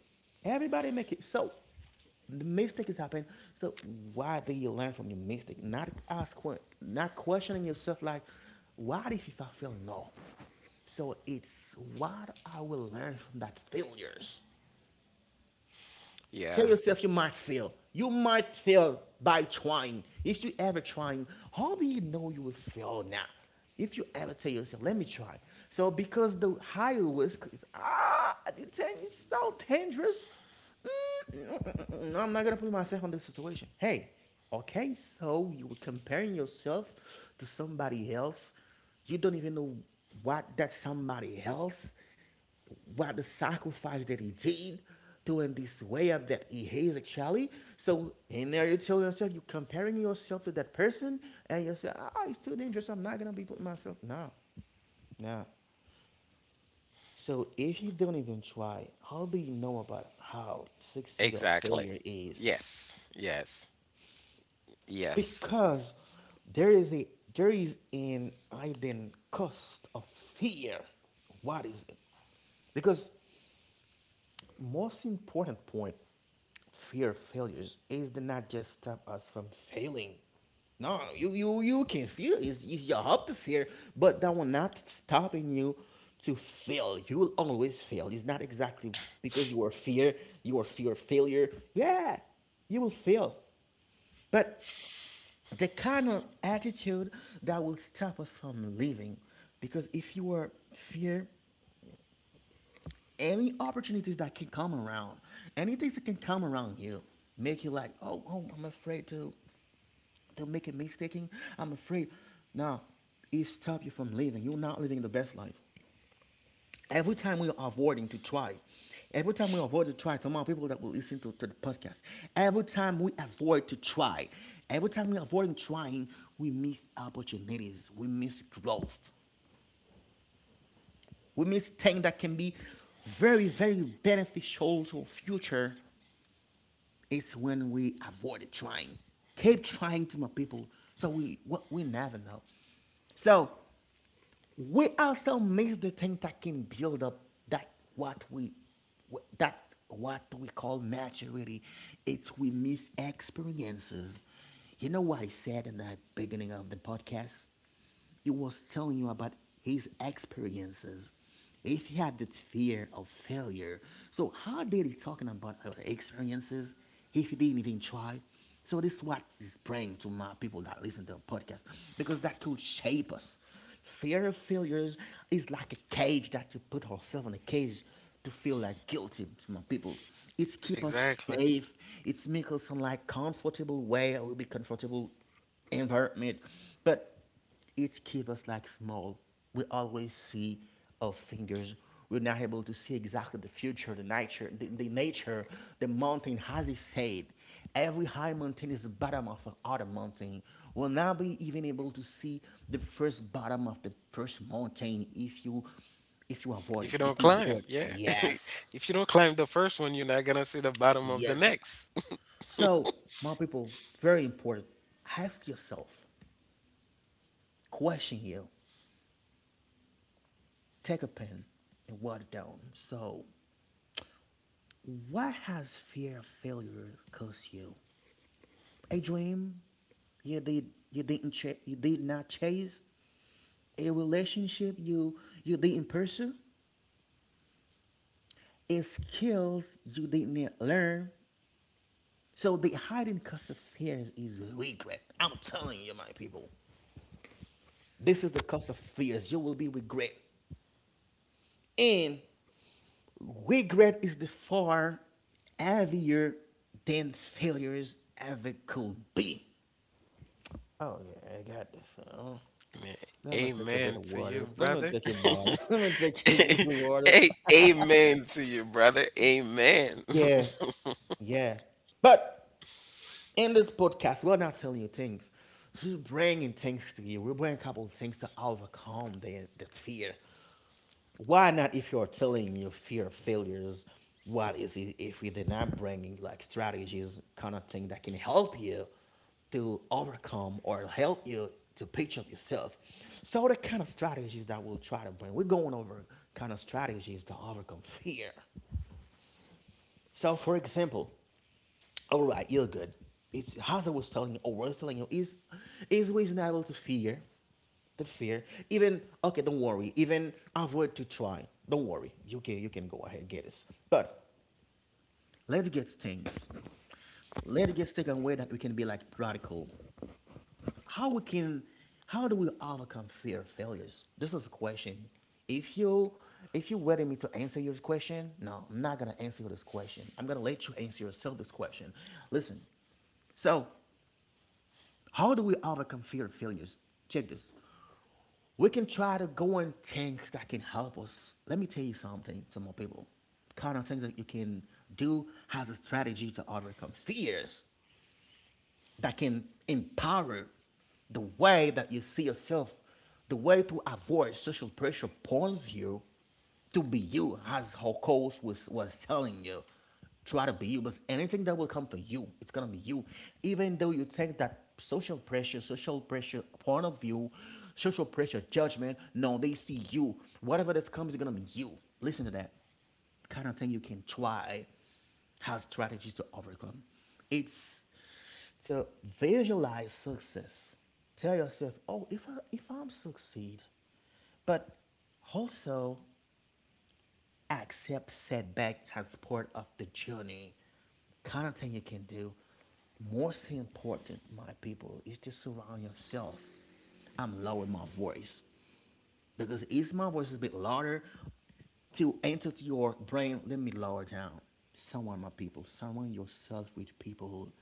Everybody make it. So the mistake is happening. So why did you learn from your mistake? Not ask, not questioning yourself like, why did I fail? No. So it's what I will learn from that failures. Yeah, Tell yourself you might fail. You might fail by trying. If you ever trying, how do you know you will fail now? If you ever tell yourself, let me try. So because the higher risk is ah, the thing is so dangerous. Mm, mm, mm, mm, mm, I'm not gonna put myself in this situation. Hey, okay, so you were comparing yourself to somebody else. You don't even know what that somebody else what the sacrifice that he did doing this way up that he hates actually. So in there you tell yourself you're comparing yourself to that person and you say, oh, it's too dangerous, I'm not gonna be putting myself no, no. So if you don't even try, how do you know about how succeed or exactly. failure is? Yes, yes, yes, Because there is a there is an hidden cost of fear. What is it? Because most important point, fear of failures is to not just stop us from failing. No, you can feel. It's your up to fear, but that will not stopping you to fail. You will always fail. It's not exactly because you are fear, you are fear of failure, yeah. You will fail, but the kind of attitude that will stop us from living. Because if you are fear, any opportunities that can come around, anything that can come around you, make you like, oh, oh, I'm afraid to make a mistaking. I'm afraid. Now, it stop you from living. You're not living the best life. Every time we are avoiding to try, every time we avoid to try, to my people that will listen to the podcast, every time we avoid to try, every time we avoid trying, we miss opportunities, we miss growth, we miss things that can be very, very beneficial to our future. It's when we avoided trying. Keep trying to my people. So we never know. So we also miss the thing that can build up that what we that what we call maturity. It's we miss experiences. You know what I said in the beginning of the podcast? He was telling you about his experiences. If he had the fear of failure, so how did he talking about our experiences if he didn't even try? So this is what is praying to my people that listen to the podcast, because that could shape us. Fear of failures is like a cage that you put ourselves in a cage to feel like guilty to my people. It's keep us exactly. safe. It's make us some like comfortable way or will be comfortable environment. But it keeps us like small. We always see our fingers. We're not able to see exactly the future, the nature, the nature, the mountain has he said. Every high mountain is the bottom of another mountain. We'll not be even able to see the first bottom of the first mountain if you, if you avoid If it, you don't if we climb, avoid it. yeah. Yes. If you don't climb the first one, you're not gonna see the bottom of the Yes. next. So, my people, very important. Ask yourself, question you. Take a pen and write it down. So, what has fear of failure cost you? A dream you did you didn't ch- you did not chase, a relationship you, you didn't pursue, a skills you didn't learn. So the hidden cost of fears is regret. I'm telling you, my people, this is the cost of fears. You will be regret, and regret is the far heavier than failures ever could be. Oh yeah, I got this. Man, Let me take a bit amen of to water. you, Let me brother. take a water. Let me take a bit of water. A- amen to you, brother. Amen. Yeah, yeah. But in this podcast, we're not telling you things. We're bringing things to you. We're bringing a couple of things to overcome the fear. Why not if you're telling your fear of failures, what is it if we are not bringing like strategies kind of thing that can help you to overcome or help you to picture up yourself? So the kind of strategies that we'll try to bring, we're going over kind of strategies to overcome fear. So for example, all right, you're good. It's as I was telling you is we not able to fear the fear. Even okay, don't worry. Even avoid to try. Don't worry. You can, you can go ahead get this. But let's get things. Let's get taken away that we can be like radical. How we can, how do we overcome fear of failures? This is a question. If you, if you are waiting me to answer your question, no, I'm not gonna answer this question. I'm gonna let you answer yourself this question. Listen, so how do we overcome fear of failures? Check this. We can try to go and things that can help us. Let me tell you something, some more people. Kind of things that you can do as a strategy to overcome fears that can empower the way that you see yourself, the way to avoid social pressure points you to be you, as Hokos was telling you. Try to be you, but anything that will come for you, it's gonna be you. Even though you take that social pressure point of view, social pressure judgment, no, they see you. Whatever this comes, is gonna be you. Listen to that kind of thing you can try has strategies to overcome. It's to visualize success. Tell yourself, oh, if, I, if I'm succeed, but also accept setback as part of the journey. Kind of thing you can do. Most important, my people, is to surround yourself. I'm lowering my voice because it's my voice is a bit louder to enter to your brain. Let me lower down. Surround my people. Surround yourself with people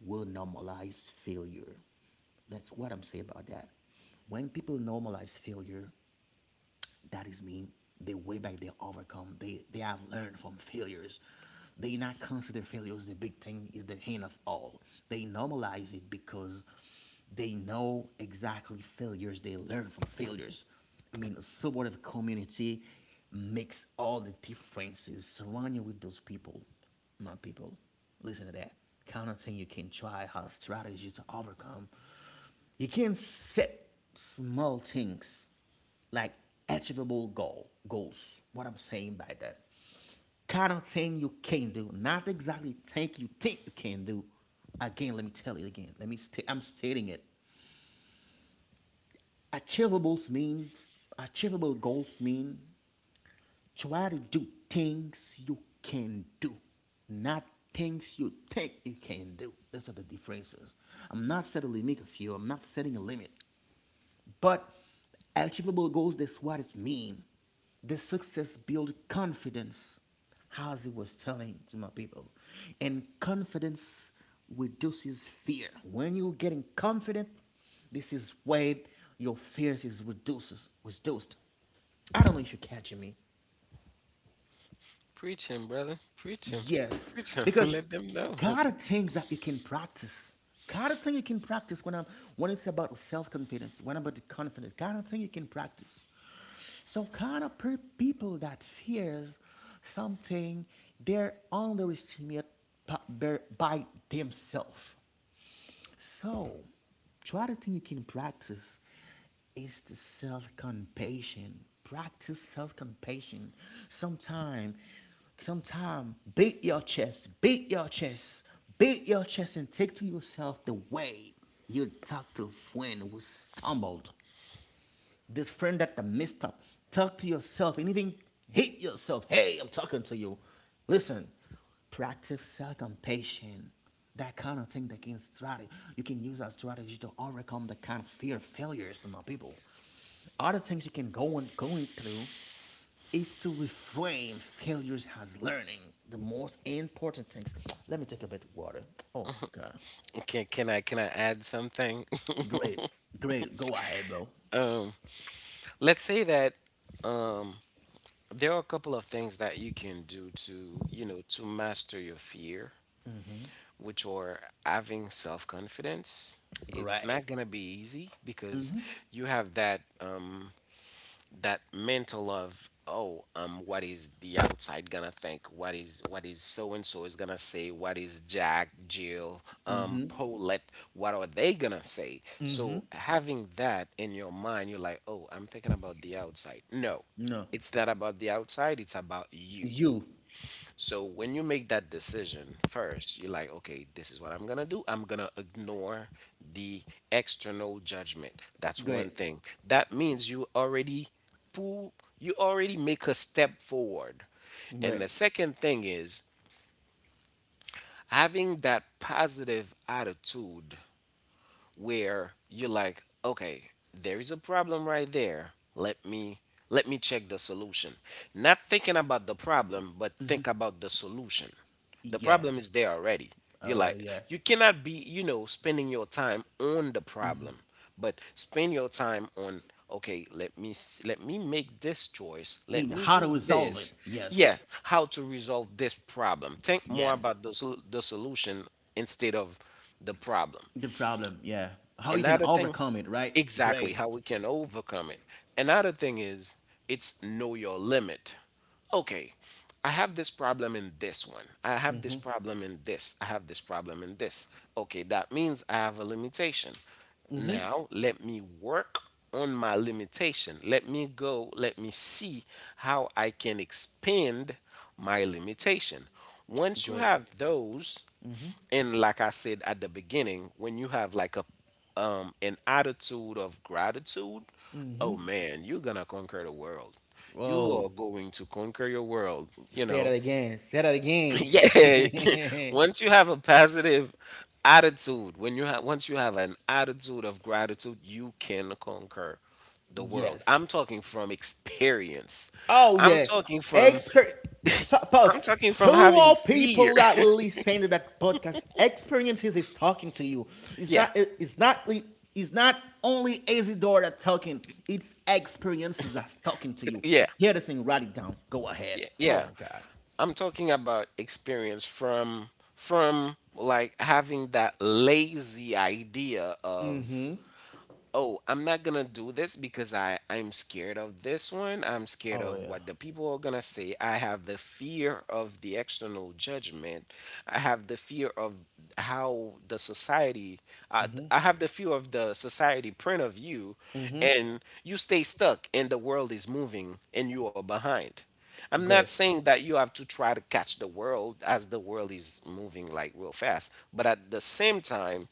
will normalize failure. That's what I'm saying about that. When people normalize failure, that is mean they way back they overcome. They have learned from failures. They not consider failures the big thing is the end of all. They normalize it because they know exactly failures. They learn from failures. I mean, a supportive community makes all the differences. Surround you with those people, my people. Listen to that. Kind of thing you can try how strategies to overcome, you can not set small things like achievable goals. What I'm saying by that. Kind of thing you can do, not exactly think you can do. Again, let me tell it again. I'm stating it. Achievables mean, achievable goals mean try to do things you can do, not things you think you can do. Those are the differences. I'm not setting a limit of you. I'm not setting a limit. But achievable goals, that's what it means. The success build confidence, as he was telling to my people. And confidence reduces fear. When you're getting confident, this is where your fears is reduces, reduced. I don't know if you're catching me. Preach him, brother. Preach him. Yes, Preach him. because Let them know. God are things that you can practice. God are things you can practice when I'm, when it's about self-confidence, when about the confidence. God are things you can practice. So kind of people that fears something, they're underestimate by themselves. So, the other thing you can practice is the self-compassion. Practice self-compassion. Sometime, sometime, beat your chest, beat your chest, beat your chest, and take to yourself the way you talk to a friend who stumbled, this friend that the messed up. Talk to yourself and even hate yourself. Hey, I'm talking to you. Listen, practice self-compassion. That kind of thing that can strategy you can use a strategy to overcome the kind of fear of failures to my people. Other things you can go and going through is to reframe failures as learning. The most important things. Let me take a bit of water. Oh my god. Can I, can I add something? Great. Great. Go ahead, bro. Um, let's say that um there are a couple of things that you can do to, you know, to master your fear, which are having self-confidence. It's Great. not going to be easy because you have that that mental of, oh, what is the outside gonna think, what is so and so is gonna say, what is Jack, Jill, Paulette, what are they gonna say? So having that in your mind, you're like, oh, I'm thinking about the outside. No, No. it's not about the outside, it's about you. You. So when you make that decision first, you're like, okay, this is what I'm gonna do. I'm gonna ignore the external judgment. That's one Great. thing. That means you already pull, you already make a step forward. And the Right. second thing is having that positive attitude where you're like, okay, there is a problem right there. Let me check the solution. Not thinking about the problem, but think about the solution. The Yeah. problem is there already. You're Oh, right, like, yeah. you cannot be, you know, spending your time on the problem, but spend your time on, okay, let me s- let me make this choice. I Let mean, me how to do resolve it? this. Yes. Yeah, how to resolve this problem. Think more Yeah. about the solution instead of the problem. The problem. Yeah. How you can Another thing, overcome it? Right. exactly Great. how we can overcome it. Another thing is, it's know your limit. Okay, I have this problem in this one. I have this problem in this. I have this problem in this. Okay, that means I have a limitation. Now, let me work on my limitation. Let me go, let me see how I can expand my limitation. Once you Great. have those, and like I said at the beginning, when you have like a an attitude of gratitude, oh man, you're gonna conquer the world. You are Whoa. going to conquer your world, Say that again. Say that yeah. again. Once you have a positive attitude, when you have once you have an attitude of gratitude, you can conquer the world. Yes. I'm talking from experience. Oh i'm yeah, talking from expert. Suppose I'm talking two from having all fear. people that will listen to that podcast experiences is talking to you. It's Yeah. not. It's not. It's not only Isidore that talking. It's experiences that's talking to you. Yeah. Hear the thing. Write it down. Go ahead. Yeah, Oh yeah. my god. I'm talking about experience from like having that lazy idea of, Mm-hmm. oh, I'm not gonna do this because I'm scared of this one. I'm scared Oh of yeah. what the people are gonna say. I have the fear of the external judgment. I have the fear of how the society, I have the fear of the society print of you, Mm-hmm. and you stay stuck and the world is moving and you are behind. I'm not Great. saying that you have to try to catch the world as the world is moving like real fast, but at the same time,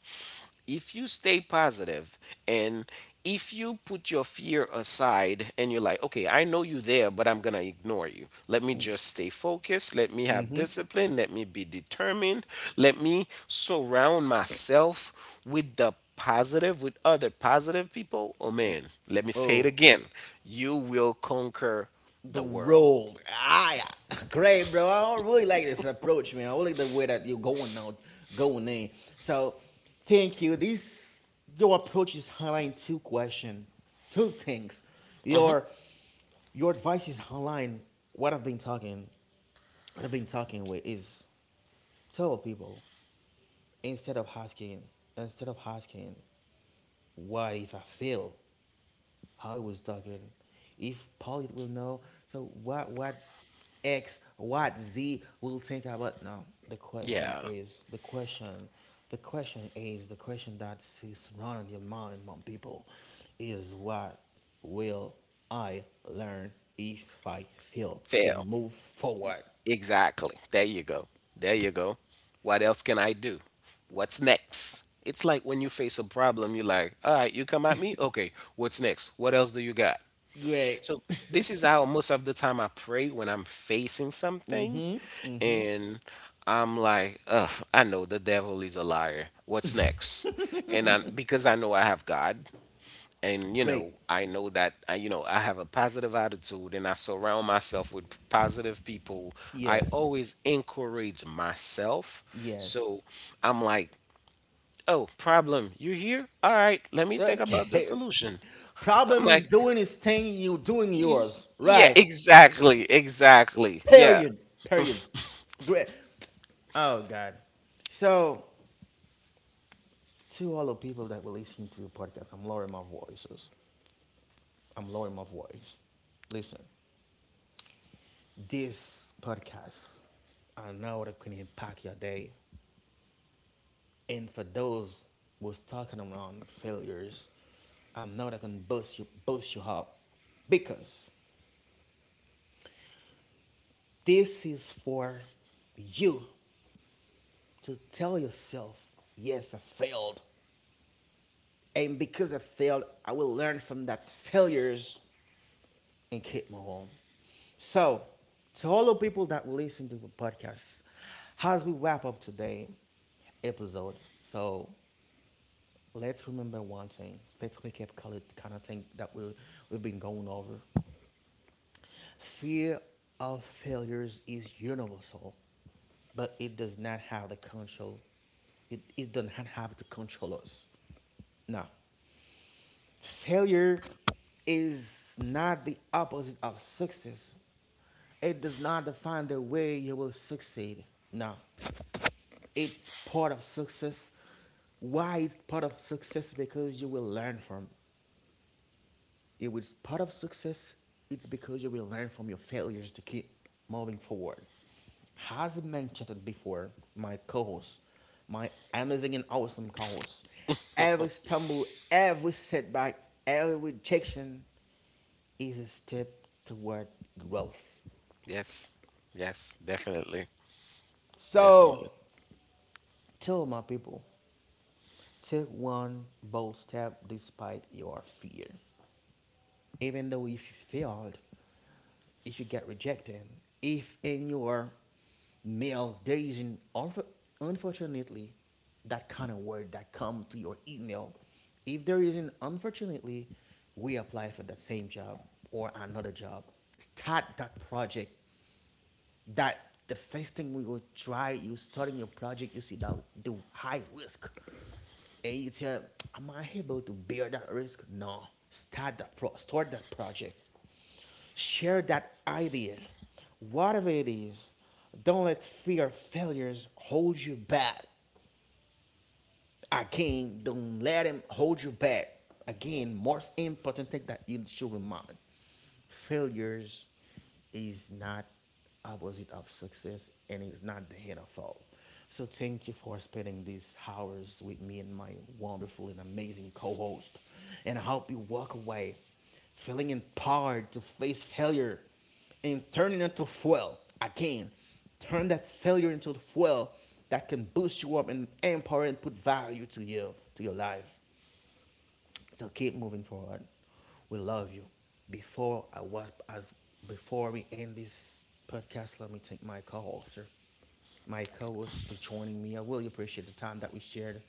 if you stay positive, and if you put your fear aside, and you're like, okay, I know you there, but I'm gonna ignore you. Let me just stay focused. Let me have Mm-hmm. discipline. Let me be determined. Let me surround myself with the positive, with other positive people. Oh man, let me say it Oh. again. You will conquer The the world. road. Ah, yeah. Great, bro. I really like this approach, man. I really like the way that you're going out, going in. So, thank you. This your approach is highlighting two question, two things. Your your advice is highlighting what I've been talking. What I've been talking with is tell people instead of asking, instead of asking, what if I fail? How it was talking. If Polly will know, so what X, what Z will think about now. Yeah, The question is the question that is running your mind my people is what will I learn if I fail to fail. move forward? Exactly. There you go. There you go. What else can I do? What's next? It's like when you face a problem, you're like, all right, you come at me? Okay, what's next? What else do you got? Great, So, this is how most of the time I pray when I'm facing something. And I'm like, ugh, I know the devil is a liar. What's next? And because I know I have God, and great. I know that I you know I have a positive attitude and I surround myself with positive people. I Yes, always encourage myself. yes. So I'm like, oh problem, you here, all right, let me think about the Okay. solution. I'm Problem like, is doing his thing, you doing "Y- yours. yeah, Right. exactly, exactly, yeah. Period. Period. Great. Oh God. So to all the people that were listening to the podcast, I'm lowering my voices. I'm lowering my voice. Listen, this podcast, I know that can impact your day. And for those who's talking around failures, I know that can boost you, boost you up. Because this is for you to tell yourself, yes, I failed. And because I failed, I will learn from that failures and keep moving on. So, to all the people that will listen to the podcast, as we wrap up today episode, so let's remember one thing. Let's wake up kind of thing that we, we've been going over. Fear of failures is universal, but it does not have the control. It does not have to control us. No. Failure is not the opposite of success. It does not define the way you will succeed. No, it's part of success. Why it's part of success? Because you will learn from it. If it's part of success, it's because you will learn from your failures to keep moving forward. As I mentioned before, my co-host, my amazing and awesome co-host, every stumble, every setback, every rejection is a step toward growth. Yes, yes, definitely, So, definitely. tell my people, take one bold step despite your fear. Even though if you failed, if you get rejected, if in your mail there isn't unfortunately that kind of word that come to your email, if there isn't unfortunately, we apply for the same job or another job. Start that project that the first thing we will try, you starting your project, you see that the high risk. And you tell, am I able to bear that risk? No. Start that project. Share that idea. Whatever it is, don't let fear of failures hold you back. Again, don't let him hold you back. Again, most important thing that you should remember, failures is not opposite of success and it's not the end of all. So thank you for spending these hours with me and my wonderful and amazing co-host. And I hope you walk away feeling empowered to face failure and turn it into fuel. Again, turn that failure into fuel that can boost you up and empower and put value to you, to your life. So keep moving forward. We love you. Before I was as Before we end this podcast, let me take my call, sir. My co-host to joining me. I really appreciate the time that we shared.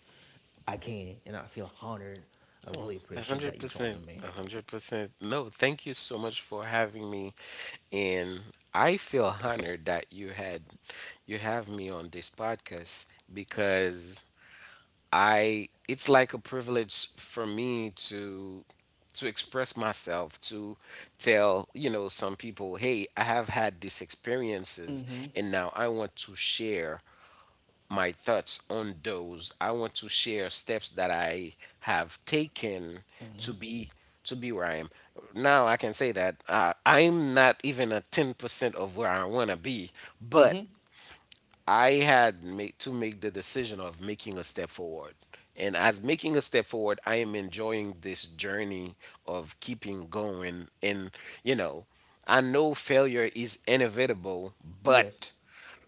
Again, and I feel honored. I Oh, really appreciate that you joining 100%. me. A 100%. No, thank you so much for having me. And I feel honored that you have me on this podcast, because I it's like a privilege for me to express myself, to tell some people, hey, I have had these experiences, and now I want to share my thoughts on those. I want to share steps that I have taken to be to be where I am. Now I can say that I'm not even a 10% of where I want to be, but I had made, to make the decision of making a step forward. And as making a step forward, I am enjoying this journey of keeping going. And, you know, I know failure is inevitable, Yes, but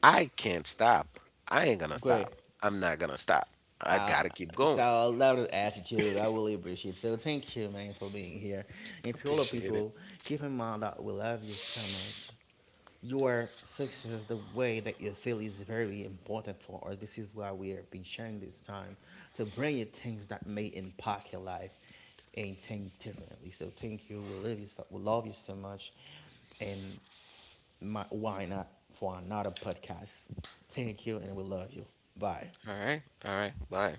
I can't stop. I ain't going to great. stop. I'm not going to stop. I Uh, got to keep so going. I love this attitude. I really appreciate it. So thank you, man, for being here. And to all the Appreciate it. people, keep in mind that we love you so much. Your success, the way that you feel, is very important for us. This is why we have been sharing this time to bring you things that may impact your life and think differently. So thank you. We love you. So, we love you so much. And my, why not for another podcast? Thank you, and we love you. Bye. All right. All right. Bye.